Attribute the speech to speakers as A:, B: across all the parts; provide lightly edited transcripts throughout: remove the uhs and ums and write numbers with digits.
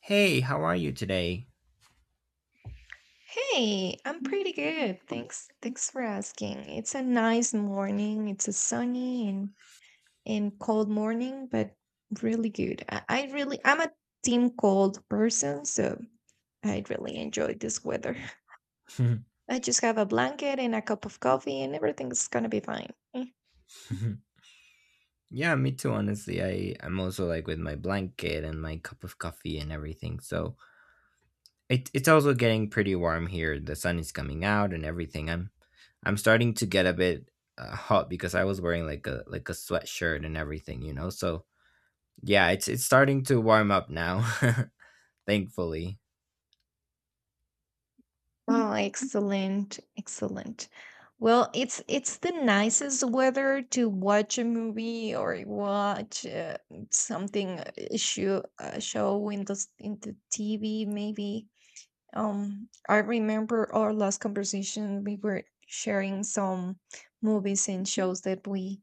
A: Hey, how are you today?
B: Hey, I'm pretty good. Thanks. Thanks for asking. It's a nice morning. It's a sunny and cold morning, but really good. I really I'm a team cold person, so I really enjoy this weather. I just have a blanket and a cup of coffee and everything's gonna be fine.
A: Yeah, me too, honestly. I'm also like with my blanket and my cup of coffee and everything. So it, it's also getting pretty warm here. The sun is coming out and everything. I'm starting to get a bit hot because I was wearing like a sweatshirt and everything. So yeah, it's starting to warm up now, thankfully.
B: Oh, excellent, excellent. Well, it's the nicest weather to watch a movie or watch something show show in the in the TV maybe. I remember our last conversation. We were sharing some movies and shows that we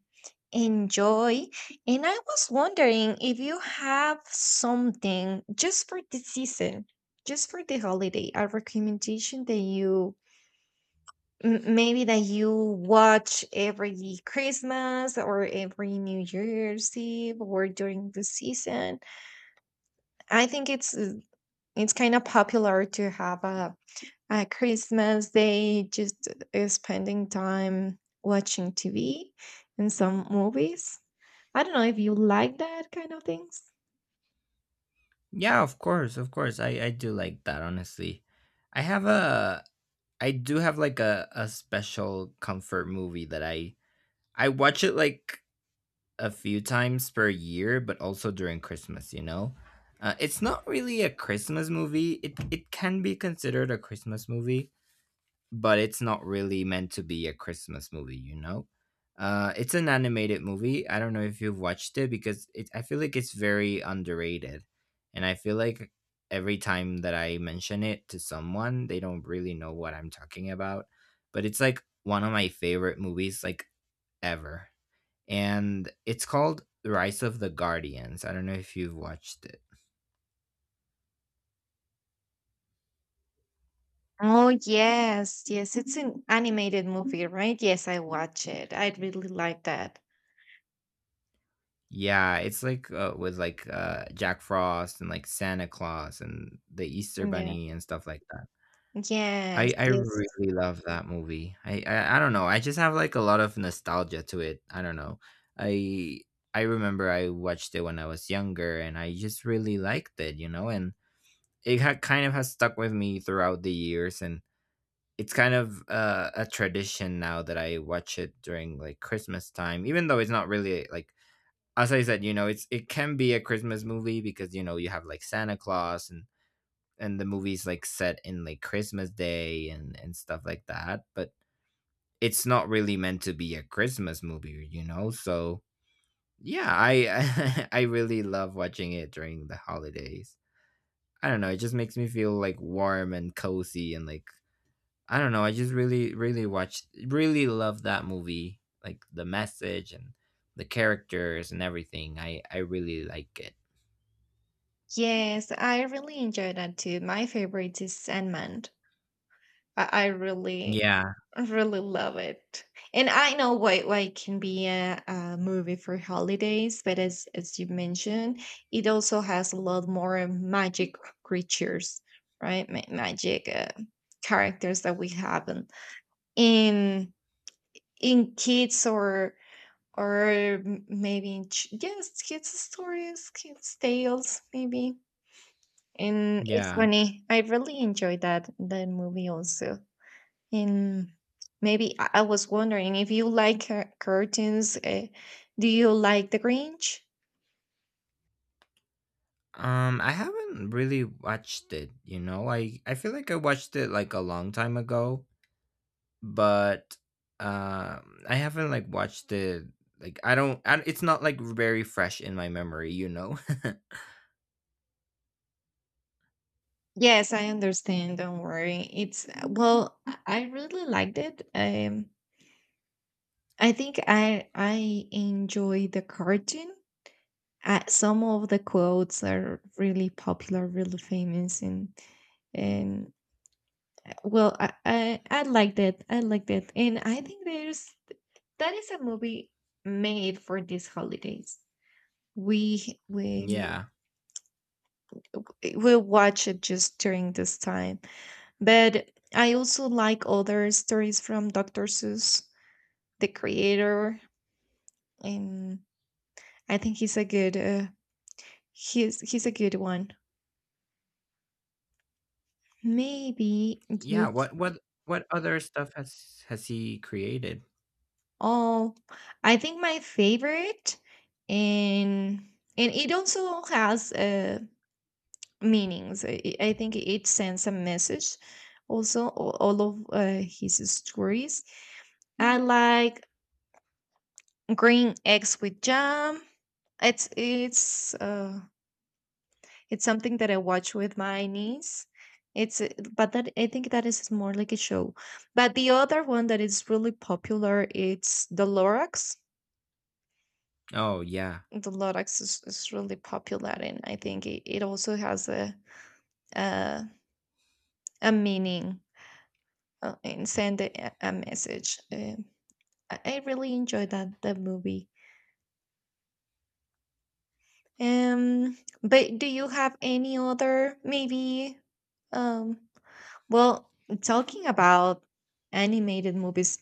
B: enjoy, and I was wondering if you have something just for the season, just for the holiday, a recommendation that you maybe that you watch every Christmas or every New Year's Eve or during the season. I think it's it's kind of popular to have a Christmas day just spending time watching TV and some movies. I don't know if you like that kind of things.
A: Yeah, of course, of course. I do like that, honestly. I have a I do have like a special comfort movie that I watch it like a few times per year, but also during Christmas. You know, it's not really a Christmas movie. It can be considered a Christmas movie, but it's not really meant to be a Christmas movie, you know? It's an animated movie. I don't know if you've watched it because it, I feel like it's very underrated. And I feel like every time that I mention it to someone, they don't really know what I'm talking about. But it's like one of my favorite movies, like ever. And it's called Rise of the Guardians. I don't know if you've watched it.
B: Oh yes, yes, it's an animated movie, right? Yes, I watch it. I really like that.
A: Yeah, it's like with like Jack Frost and like Santa Claus and the Easter
B: Yeah.
A: Bunny and stuff like that.
B: Yes,
A: I
B: yes.
A: really love that movie. I, I don't know. I just have like a lot of nostalgia to it. I don't know. I I remember I watched it when I was younger and I just really liked it. And it kind of has stuck with me throughout the years and it's kind of a tradition now that I watch it during like Christmas time, even though it's not really like as I said, you know, it's it can be a Christmas movie because you know you have like Santa Claus and the movie's like set in like Christmas Day and stuff like that, but it's not really meant to be a Christmas movie, you know. So yeah, I I really love watching it during the holidays. I don't know, it just makes me feel like warm and cozy and like I don't know, I just really really watch really love that movie, like the message and the characters and everything. I really like it.
B: Yes, I really enjoy that too. My favorite is Sandman. I really,
A: Yeah.
B: really love it. And I know why it can be a movie for holidays, but as you mentioned, it also has a lot more magic creatures, right? Magic characters that we haven't in kids or maybe in yes, kids stories, kids tales, maybe. And it's
A: Yeah.
B: funny. I really enjoyed that movie also. And maybe I was wondering if you like curtains. Do you like The Grinch?
A: I haven't really watched it, you know. I feel like I watched it like a long time ago, but I haven't like watched it like I don't I, it's not like very fresh in my memory, you know.
B: Yes, I understand. Don't worry. It's well, I really liked it. I think I enjoy the cartoon. Some of the quotes are really popular, really famous, and well, I liked it. I liked it, and I think there's that is a movie made for these holidays. We we
A: Yeah.
B: we watch it just during this time. But I also like other stories from Dr. Seuss, the creator, and I think he's a good he's a good one. Maybe
A: Yeah,
B: you
A: what what other stuff has he created?
B: all I think my favorite and and it also has meanings. I think it sends a message. Also, all of his stories. I like green eggs with jam. It's it's something that I watch with my niece. It's but that I think that is more like a show. But the other one that is really popular, it's the Lorax.
A: Oh, yeah.
B: The Lorax is really popular, and I think it also has a, a meaning and send a message. I really enjoyed that movie. Um, but do you have any other maybe? Um, well, talking about animated movies,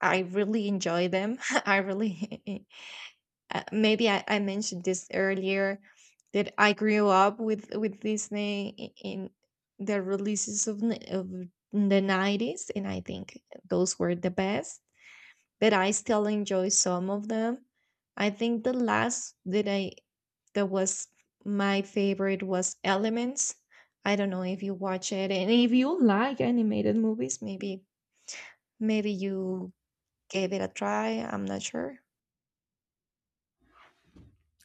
B: I really enjoy them. I really maybe I mentioned this earlier that I grew up with Disney in the releases of of the 90s, and I think those were the best. But I still enjoy some of them. I think the last that was my favorite was Elements. I don't know if you watch it and if you like animated movies, maybe you gave it a try. I'm not sure.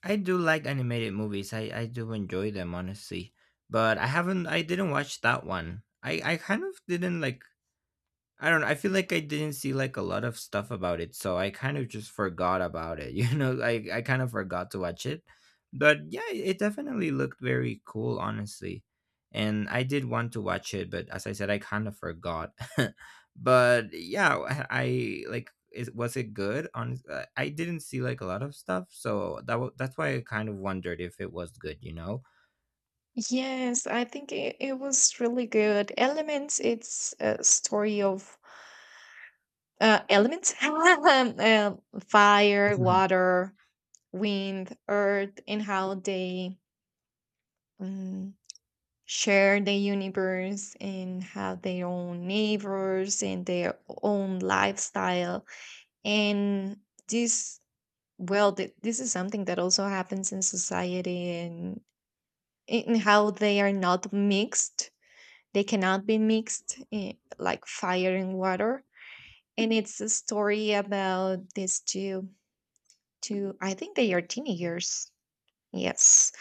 A: I do like animated movies. I do enjoy them honestly. But I haven't I didn't watch that one. I kind of didn't like I don't know, I feel like I didn't see, like, a lot of stuff about it, so I kind of just forgot about it, you know? I kind of forgot to watch it, but, yeah, it definitely looked very cool, honestly, and I did want to watch it, but as I said, I kind of forgot. But, yeah, I like, is was it good? On I didn't see, like, a lot of stuff, so that's why I kind of wondered if it was good, you know?
B: Yes, I think it was really good. Elements, it's a story of elements, fire, water, wind, earth, and how they mm, share the universe and have their own neighbors and their own lifestyle and this well this is something that also happens in society and in how they are not mixed, they cannot be mixed, like fire and water. And it's a story about these two, I think they are teenagers. Yes.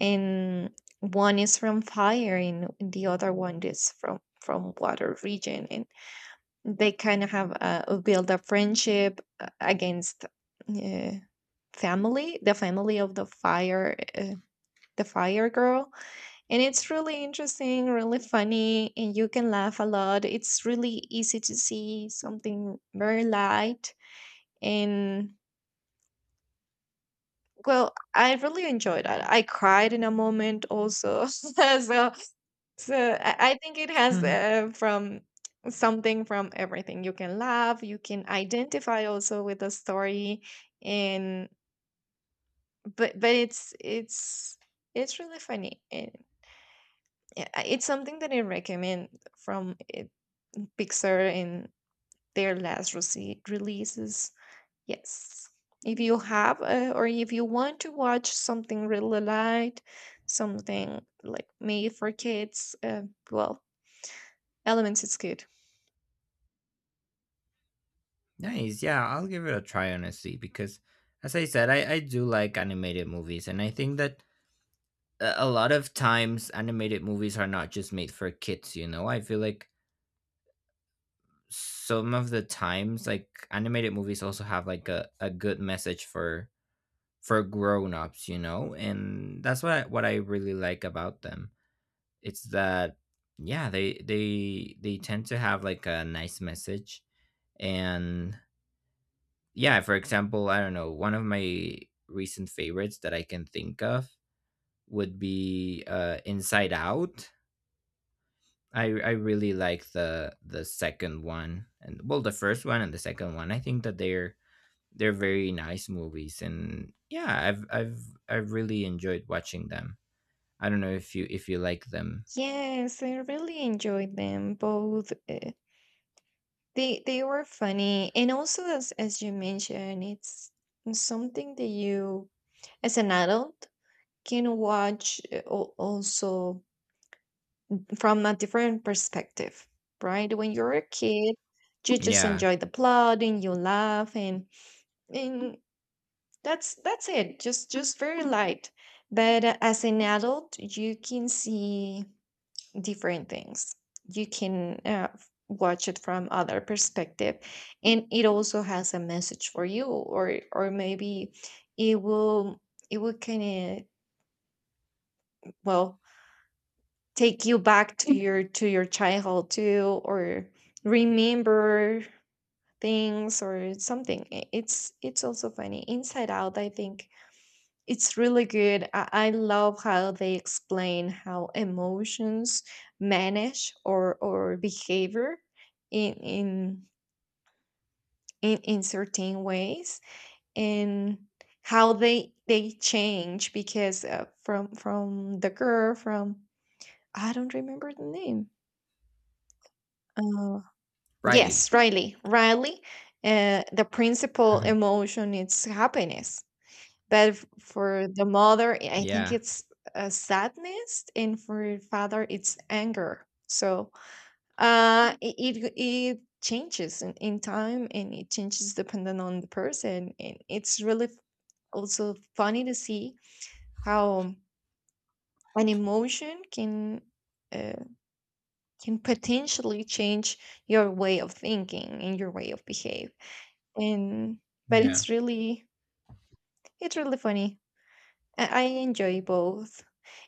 B: And one is from fire and the other one is from water region, and they kind of have build a friendship against uh, family the family of the fire, the fire girl. And it's really interesting, really funny, and you can laugh a lot. It's really easy to see something very light. And well, I really enjoyed that. I cried in a moment also. So, so I think it has from something from everything. You can laugh, you can identify also with the story, and but it's it's really funny. And yeah, it's something that I recommend from Pixar in their last releases. Yes, if you have or if you want to watch something really light, something like made for kids, well, Elements is good.
A: Nice. Yeah, I'll give it a try honestly because as I said, I do like animated movies and I think that a lot of times animated movies are not just made for kids, you know. I feel like some of the times like animated movies also have like a good message for grown-ups, you know? And that's what I really like about them. It's that yeah, they they tend to have like a nice message and yeah, for example, I don't know, one of my recent favorites that I can think of would be Inside Out. I really like the second one and well the first one and the second one. I think that they're very nice movies and yeah, I've I've really enjoyed watching them. I don't know if you like them.
B: Yes, I really enjoyed them both. They were funny, and also as you mentioned, it's something that you, as an adult, can watch also from a different perspective, right? When you're a kid, you just
A: Yeah.
B: enjoy the plot and you laugh, and that's it. Just very light. But as an adult, you can see different things. You can watch it from other perspective, and it also has a message for you, or maybe it will it will kind of well take you back to your childhood too, or remember things or something. It's also funny. Inside Out, I think, it's really good. I love how they explain how emotions manage or behavior in in in certain ways, and how they change because from the girl from, I don't remember the name. Uh,
A: Riley.
B: yes, Riley. Riley. The principal emotion is happiness. But for the mother, I think
A: Yeah.
B: it's a sadness, and for father, it's anger. So it it changes in time, and it changes depending on the person. And it's really also funny to see how an emotion uh, can potentially change your way of thinking and your way of behave. And but
A: Yeah.
B: it's really funny. I enjoy both.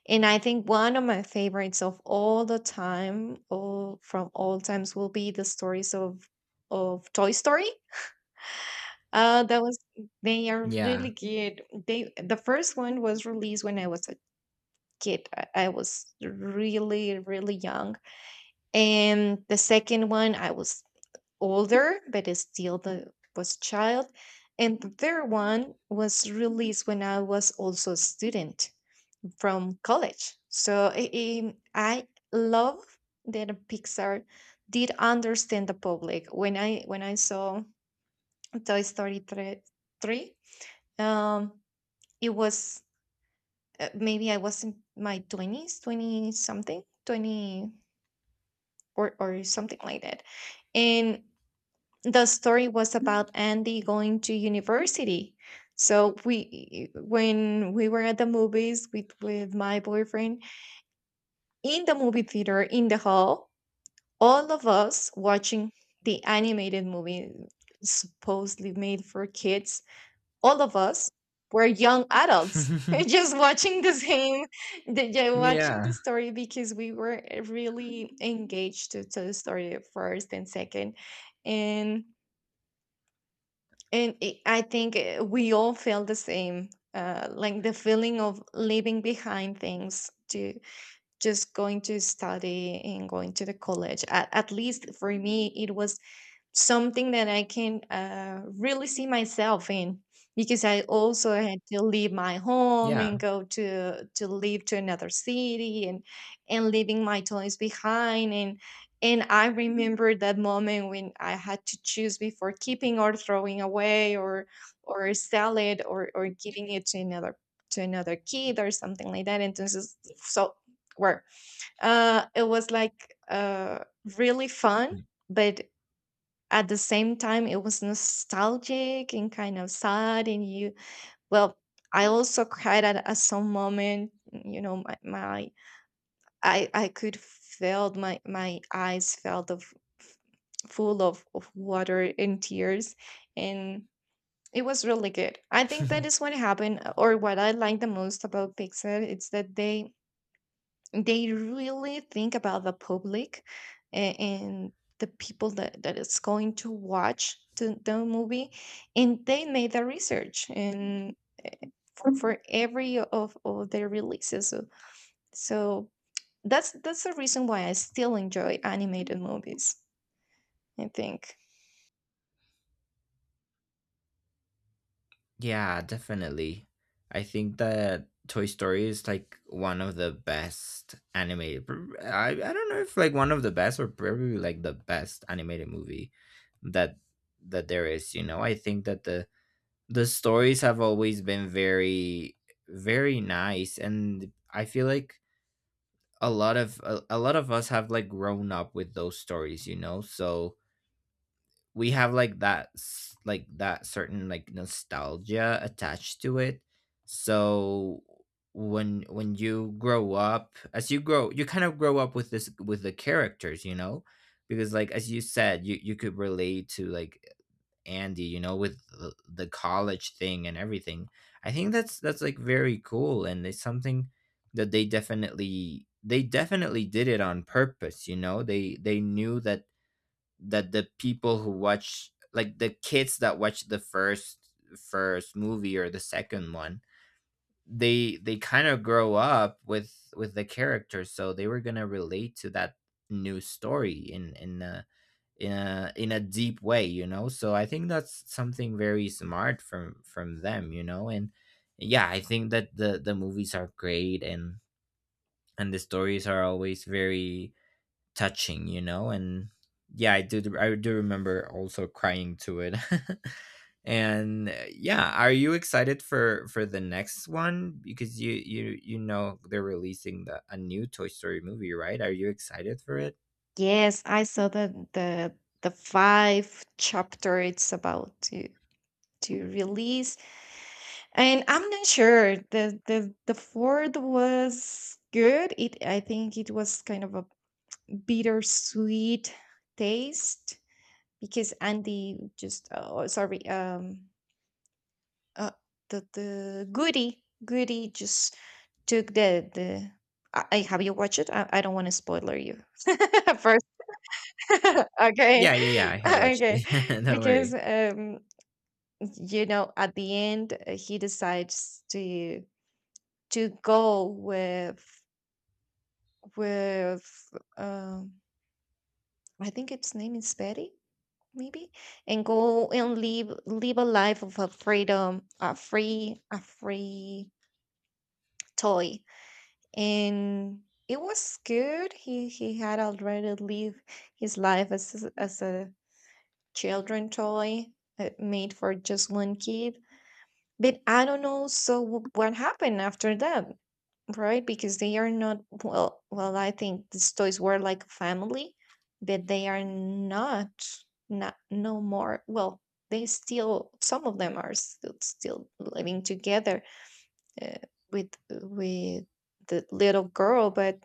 B: And I think one of my favorites of all the time, all from all times, will be the stories of Toy Story. That was they are
A: Yeah.
B: really good. They the first one was released when I was a kid. I was really really young, and the second one I was older, but it's still the was child, and the third one was released when I was also a student from college. So I love that Pixar did understand the public. When I saw Toy Story three, three um, it was maybe I was in my twenties, 20 something, 20 or something like that, and the story was about Andy going to university. So we, when we were at the movies with my boyfriend in the movie theater in the hall, all of us watching the animated movie supposedly made for kids, all of us were young adults just watching the same, yeah, watching the
A: Yeah.
B: story because we were really engaged to the story at first and second, and and it, I think we all feel the same, like the feeling of leaving behind things to just going to study and going to the college. At least for me it was something that I can really see myself in, because I also had to leave my home and
A: Yeah.
B: go to live to another city, and leaving my toys behind. And I remember that moment when I had to choose before keeping or throwing away or sell it, or giving it to another, to another kid or something like that. And this is so where it was like really fun, but at the same time it was nostalgic and kind of sad, and you well, I also cried at some moment, you know, my I could feel my my eyes felt of f- full of water and tears. And it was really good. I think that is what happened or what I like the most about Pixar. It's that they really think about the public and the people that, that is going to watch the movie, and they made the research and for every of their releases, so, so that's the reason why I still enjoy animated movies, I think.
A: Yeah, definitely. I think that Toy Story is like one of the best animated. I don't know if like one of the best or probably like the best animated movie that that there is, you know. I think that the stories have always been very very nice and I feel like a lot of a lot of us have like grown up with those stories, you know. So we have like like that certain like nostalgia attached to it so when you grow up as you grow you kind of grow up with this with the characters you know because like as you said you you could relate to like Andy, you know, with the college thing and everything. I think that's like very cool and it's something that they definitely did it on purpose, you know. They knew that that the people who watch like the kids that watch the first movie or the second one they kind of grow up with the characters so they were going to relate to that new story in a, in a in a deep way you know so I think that's something very smart from them you know and yeah I think that the movies are great and the stories are always very touching, you know? And yeah, I do remember also crying to it. And yeah, are you excited for the next one because you you know they're releasing the a new Toy Story movie, right? Are you excited for it?
B: Yes, I saw the the five chapter. It's about to release. And I'm not sure. The fourth was good. It I think it was kind of a bittersweet taste because Andy just oh sorry uh, the Goody Goody just took the the. Have you watched it? I don't want to spoiler you first. Okay.
A: Yeah, yeah, yeah. I have watched
B: Okay,
A: it. Don't worry.
B: because at the end, he decides to go with, um, I think its name is Betty, maybe, and go and live a life of a freedom, a free toy. And it was good. He had already lived his life as a children toy, made for just one kid, but I don't know. So what happened after that? Right, because they are not, well, I think these toys were like a family, but they are not no more. Well, they still, some of them are still living together, uh, with the little girl, but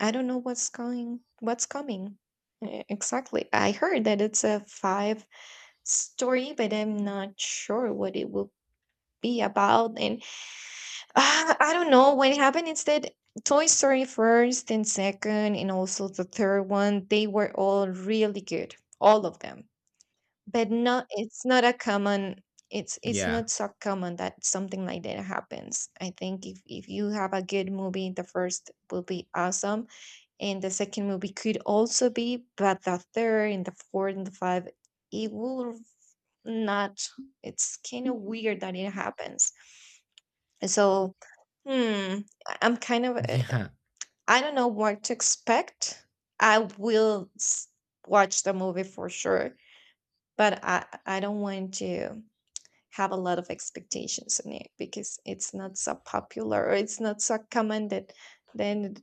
B: I don't know what's coming. Exactly. I heard that it's a five story, but I'm not sure what it will be about. And, ah, I don't know. When it happened, instead, Toy Story first and second, and also the third one, they were all really good, all of them. But not, it's not a common. It's
A: Yeah.
B: not so common that something like that happens. I think if you have a good movie, the first will be awesome, and the second movie could also be, but the third and the fourth and the five, it will not. It's kind of weird that it happens. So, hmm, I'm kind of,
A: Yeah,
B: I don't know what to expect. I will watch the movie for sure, but I don't want to have a lot of expectations in it, because it's not so popular, or it's not so common that then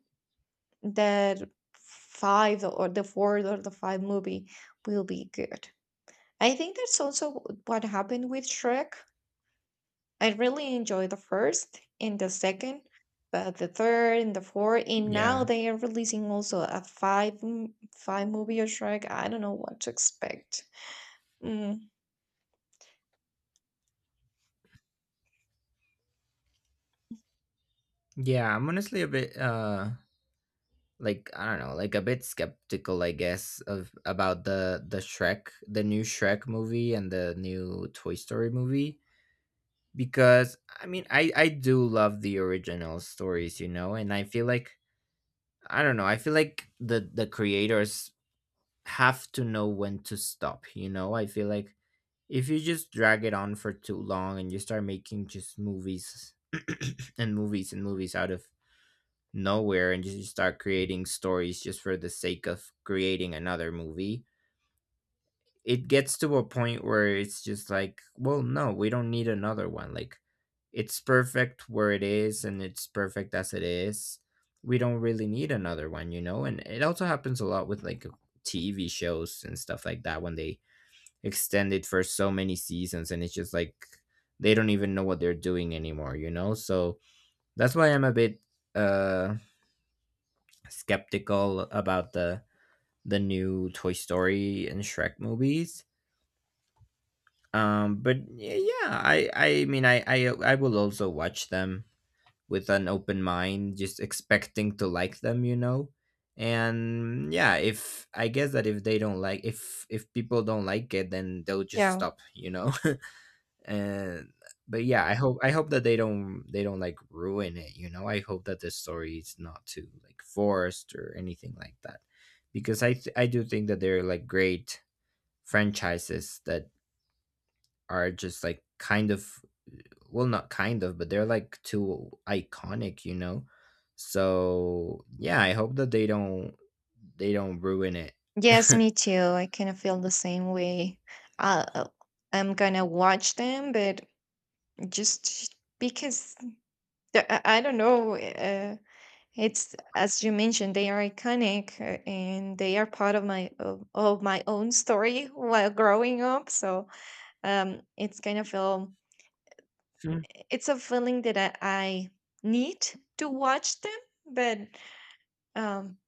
B: that five or the fourth or the five movie will be good. I think that's also what happened with Shrek. I really enjoy the first and the second, but the third and the fourth, and now
A: yeah,
B: they are releasing also a five movie or Shrek. I don't know what to expect. Mm,
A: yeah. I'm honestly a bit like I don't know, like a bit skeptical, I guess, of about the Shrek, the new Shrek movie and the new Toy Story movie because I mean, I do love the original stories, you know, and I feel like I don't know, I feel like the creators have to know when to stop, you know? I feel like if you just drag it on for too long and you start making just movies and movies out of nowhere and just start creating stories just for the sake of creating another movie. It gets to a point where it's just like, well, no, we don't need another one. Like, it's perfect where it is and it's perfect as it is. We don't really need another one, you know? And it also happens a lot with like TV shows and stuff like that when they extend it for so many seasons and it's just like they don't even know what they're doing anymore, you know? So that's why I'm a bit uh skeptical about the new Toy Story and Shrek movies. But yeah, I mean I I will also watch them with an open mind, just expecting to like them, you know. And yeah, if I guess that if they don't like if people don't like it, then they'll just
B: yeah.
A: stop, you know. And but yeah I hope I hope that they don't like ruin it you know I hope that the story is not too like forced or anything like that because I do think that there are like great franchises that are just like kind of well not kind of but they're like too iconic you know so yeah I hope that they don't ruin it.
B: Yes, me too. I kind of feel the same way. Uh, uh, I'm gonna watch them, but just because I don't know. It's as you mentioned, they are iconic, and they are part of of my own story while growing up. So Um, it's kind of a,
A: Mm.
B: it's a feeling that I need to watch them, but um,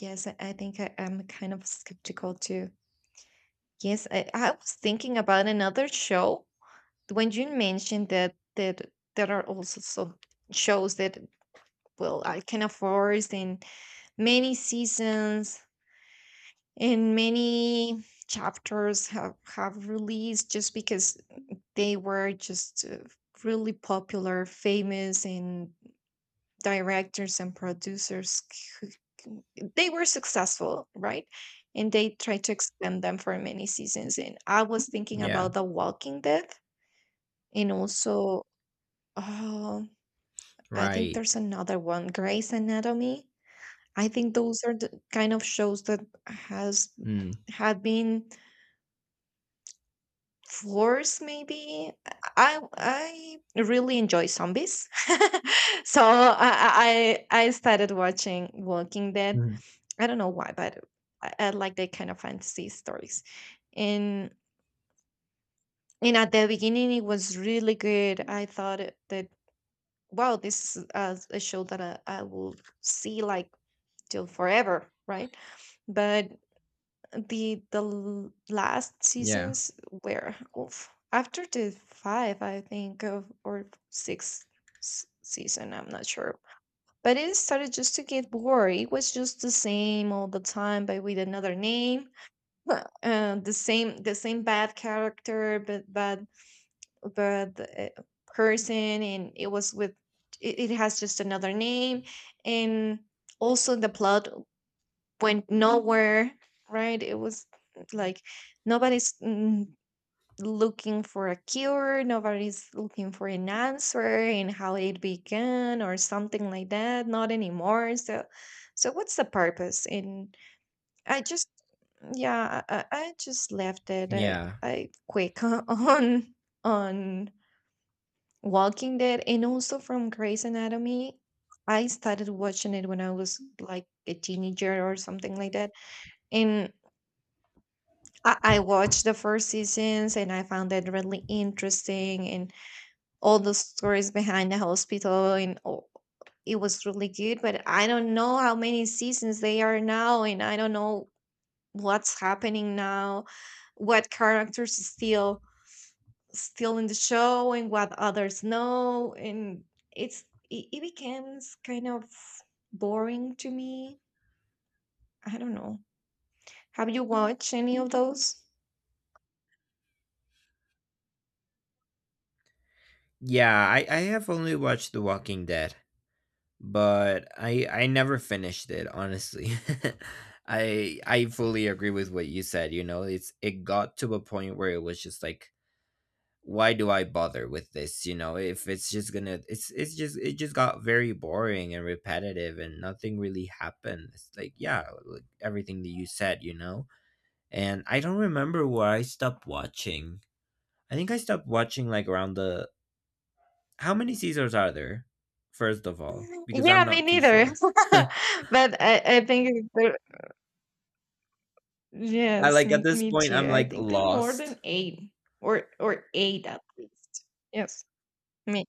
B: yes, I think I'm kind of skeptical too. Yes, I was thinking about another show when you mentioned that there are also some shows that, well, I can afford in many seasons, and many chapters have released just because they were just, really popular, famous, and directors and producers who- who- they were successful, right? And they tried to extend them for many seasons, and I was thinking
A: Yeah.
B: about The Walking Dead, and also, oh, I think
A: Right.
B: there's another one, Grey's Anatomy. I think those are the kind of shows that has
A: Mm.
B: had been Floors, maybe. I really enjoy zombies. So I started watching Walking Dead.
A: Mm.
B: I don't know why, but I like that kind of fantasy stories. And and at the beginning it was really good. I thought that, wow, this is a show that I will see like till forever, right? But the last
A: Yeah.
B: seasons were oof, after the five, I think, of or six season, I'm not sure, but it started just to get bored. It was just the same all the time, but with another name. But, the same bad character, but bad, person. And it was with it has just another name. And also the plot went nowhere, right? It was like nobody's, looking for a cure, nobody's looking for an answer and how it began or something like that. Not anymore. So, what's the purpose? And I just, yeah, I just left it. I,
A: Yeah,
B: I quick on Walking Dead, and also from Grey's Anatomy. I started watching it when I was like a teenager or something like that. And I watched the first seasons, and I found it really interesting, and all the stories behind the hospital and all, it was really good. But I don't know how many seasons they are now, and I don't know what's happening now, what characters is still in the show and what others know, and it becomes kind of boring to me. I don't know. Have you watched any of those?
A: yeah, I have only watched The Walking Dead. But I never finished it honestly. I fully agree with what you said, you know. It's it got to a point where it was just like why do I bother with this, you know? If it's just going to it's just it just got very boring and repetitive and nothing really happened. It's like yeah, like everything that you said, you know. And I don't remember where I stopped watching. I think I stopped watching like around the how many seasons are there? First of all, because I'm
B: Yeah, me
A: not too
B: neither.
A: sure.
B: But I think
A: I
B: yes,
A: like at
B: me,
A: this
B: me
A: point
B: too.
A: I'm
B: I
A: like
B: think there are more
A: lost.
B: than eight, or eight at least. Yes, me.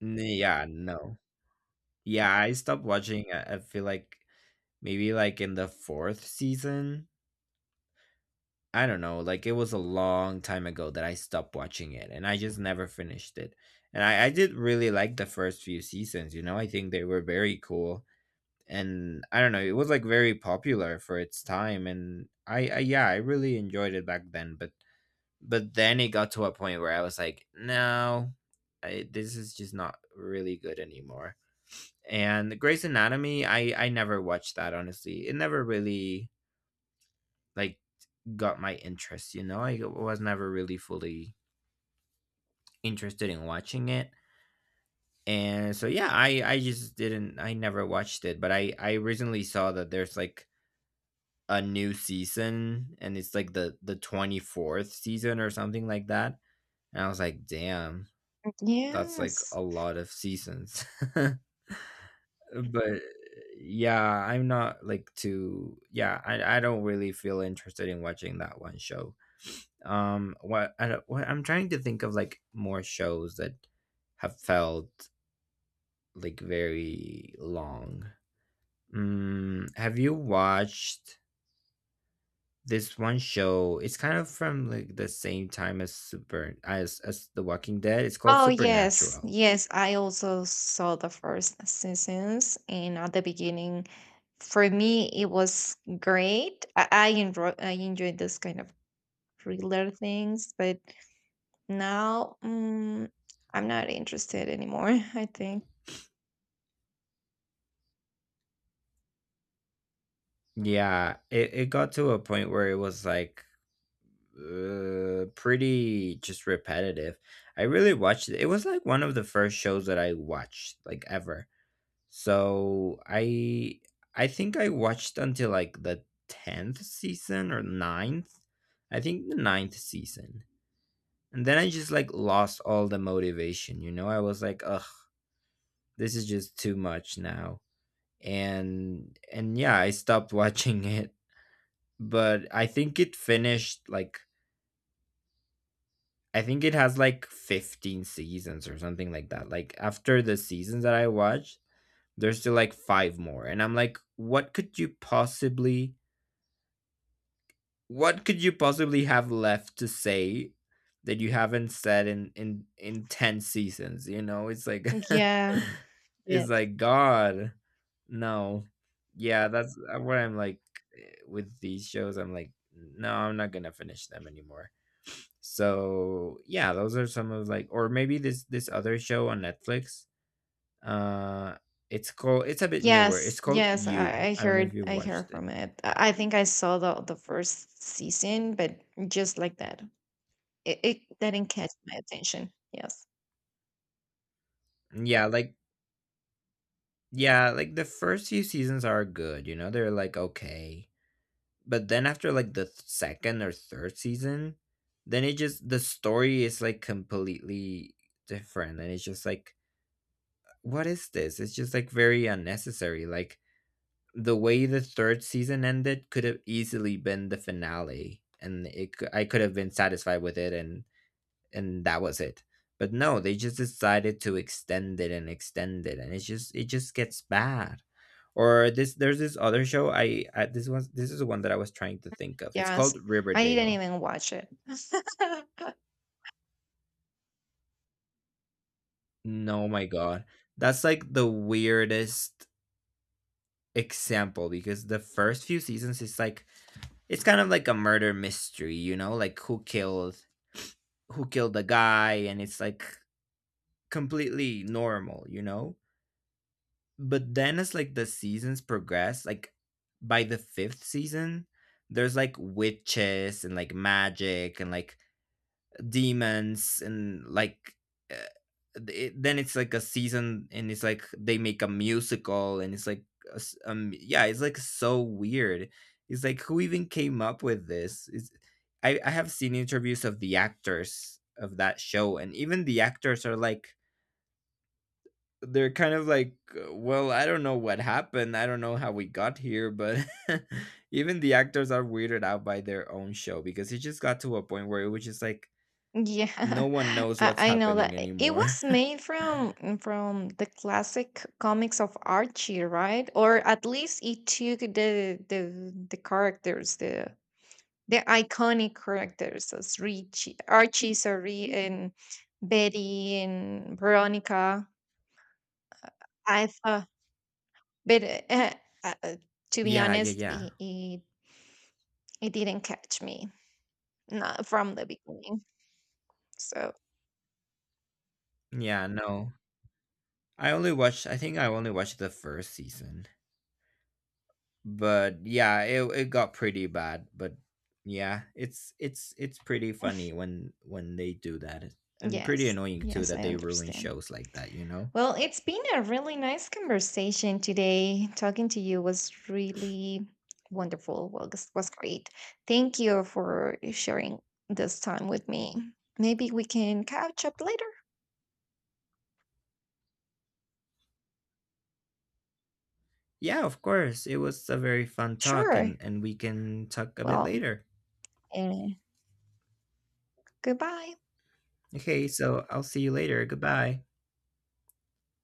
A: Yeah, no. Yeah, I stopped watching. I feel like maybe like in the fourth season. I don't know. Like it was a long time ago that I stopped watching it, and I just never finished it. And I did really like the first few seasons. You know, I think they were very cool, and I don't know. It was like very popular for its time, and I really enjoyed it back then. But then it got to a point where I was like, no, this is just not really good anymore. And Grey's Anatomy, I never watched that honestly. It never really like got my interest. You know, I was never really fully interested in watching it. And so yeah, I just didn't. I never watched it. But I recently saw that there's like a new season, and it's like the 24th season or something like that. And I was like, damn, that's like
B: Yes.
A: a lot of seasons. But yeah, I'm not like too yeah, I don't really feel interested in watching that one show. What I don't, what I'm trying to think of like more shows that have felt like very long. Mm, have you watched this one show? It's kind of from like the same time as Super as The Walking Dead. It's called
B: Oh yes,
A: Supernatural.
B: yes. I also saw the first seasons, and at the beginning, for me, it was great. I enjoyed this kind of thriller things, but now, I'm not interested anymore. I think.
A: Yeah, it got to a point where it was like pretty just repetitive. I really watched it. It was like one of the first shows that I watched like ever. So I think I watched until like the tenth season or ninth. I think the ninth season. And then I just like lost all the motivation, you know? I was like, ugh, this is just too much now. And yeah, I stopped watching it. But I think it finished like, I think it has like 15 seasons or something like that. Like after the seasons that I watched, there's still like five more. And I'm like, what could you possibly, what could you possibly have left to say that you haven't said in 10 seasons, you know? It's like
B: Yeah.
A: it's
B: Yes.
A: like, god, no. Yeah, that's what I'm like, with these shows, I'm like, no, I'm not gonna finish them anymore. So yeah, those are some of like, or maybe this other show on Netflix, uh it's called, it's a bit newer, it's
B: Yes,
A: called
B: yes,
A: You.
B: I, I
A: I don't know if
B: heard
A: you've
B: I
A: watched
B: heard
A: it.
B: from it. I think I saw the first season, but just like that. It didn't catch my attention. Yes.
A: yeah like Yeah, like the first few seasons are good, you know, they're like okay. But then after like the second or third season, then it just, the story is like completely different and it's just like, what is this? It's just like very unnecessary. Like the way the third season ended could have easily been the finale, and I could have been satisfied with it, and that was it. But no, they just decided to extend it and extend it, and it's just, it just gets bad. Or this, there's this other show, I this was, this is the one that I was trying to think of. It's
B: Yes.
A: called
B: I didn't
A: Riverdale.
B: even watch it.
A: No, my god, that's like the weirdest example because the first few seasons is like, it's kind of like a murder mystery, you know, like who killed, who killed the guy, and it's like completely normal, you know. But then as like the seasons progress, like by the fifth season, there's like witches and like magic and like demons and like, uh, then it's like a season and it's like they make a musical and it's like yeah, it's like so weird. It's like, who even came up with this? It's, I have seen interviews of the actors of that show, and even the actors are like, they're kind of like, well, I don't know what happened. I don't know how we got here, but even the actors are weirded out by their own show because it just got to a point where it was just like no
B: Yeah.
A: one knows
B: I,
A: what's
B: I know
A: happening
B: that it
A: anymore.
B: was made from the classic comics of Archie, right? Or at least it took the characters, the iconic characters as Richie, Archie, sorry, and Betty and Veronica. I thought, but uh, uh, to be
A: Yeah, yeah,
B: honest,
A: yeah.
B: it didn't catch me, not from the beginning. So,
A: Yeah, no. I only watched, I think I only watched the first season. But yeah, it got pretty bad, but yeah, it's it's pretty funny when they do that. And pretty
B: yes,
A: annoying too
B: yes,
A: that
B: I
A: they ruin
B: understand.
A: shows like that, you know?
B: Well, it's been a really nice conversation today. Talking to you was really wonderful. Well, this was great. Thank you for sharing this time with me. Maybe we can catch up later.
A: Yeah, of course. It was a very fun talk,
B: Sure.
A: and we can talk a bit
B: Well,
A: later.
B: eh, goodbye.
A: Okay, so I'll see you later. Goodbye.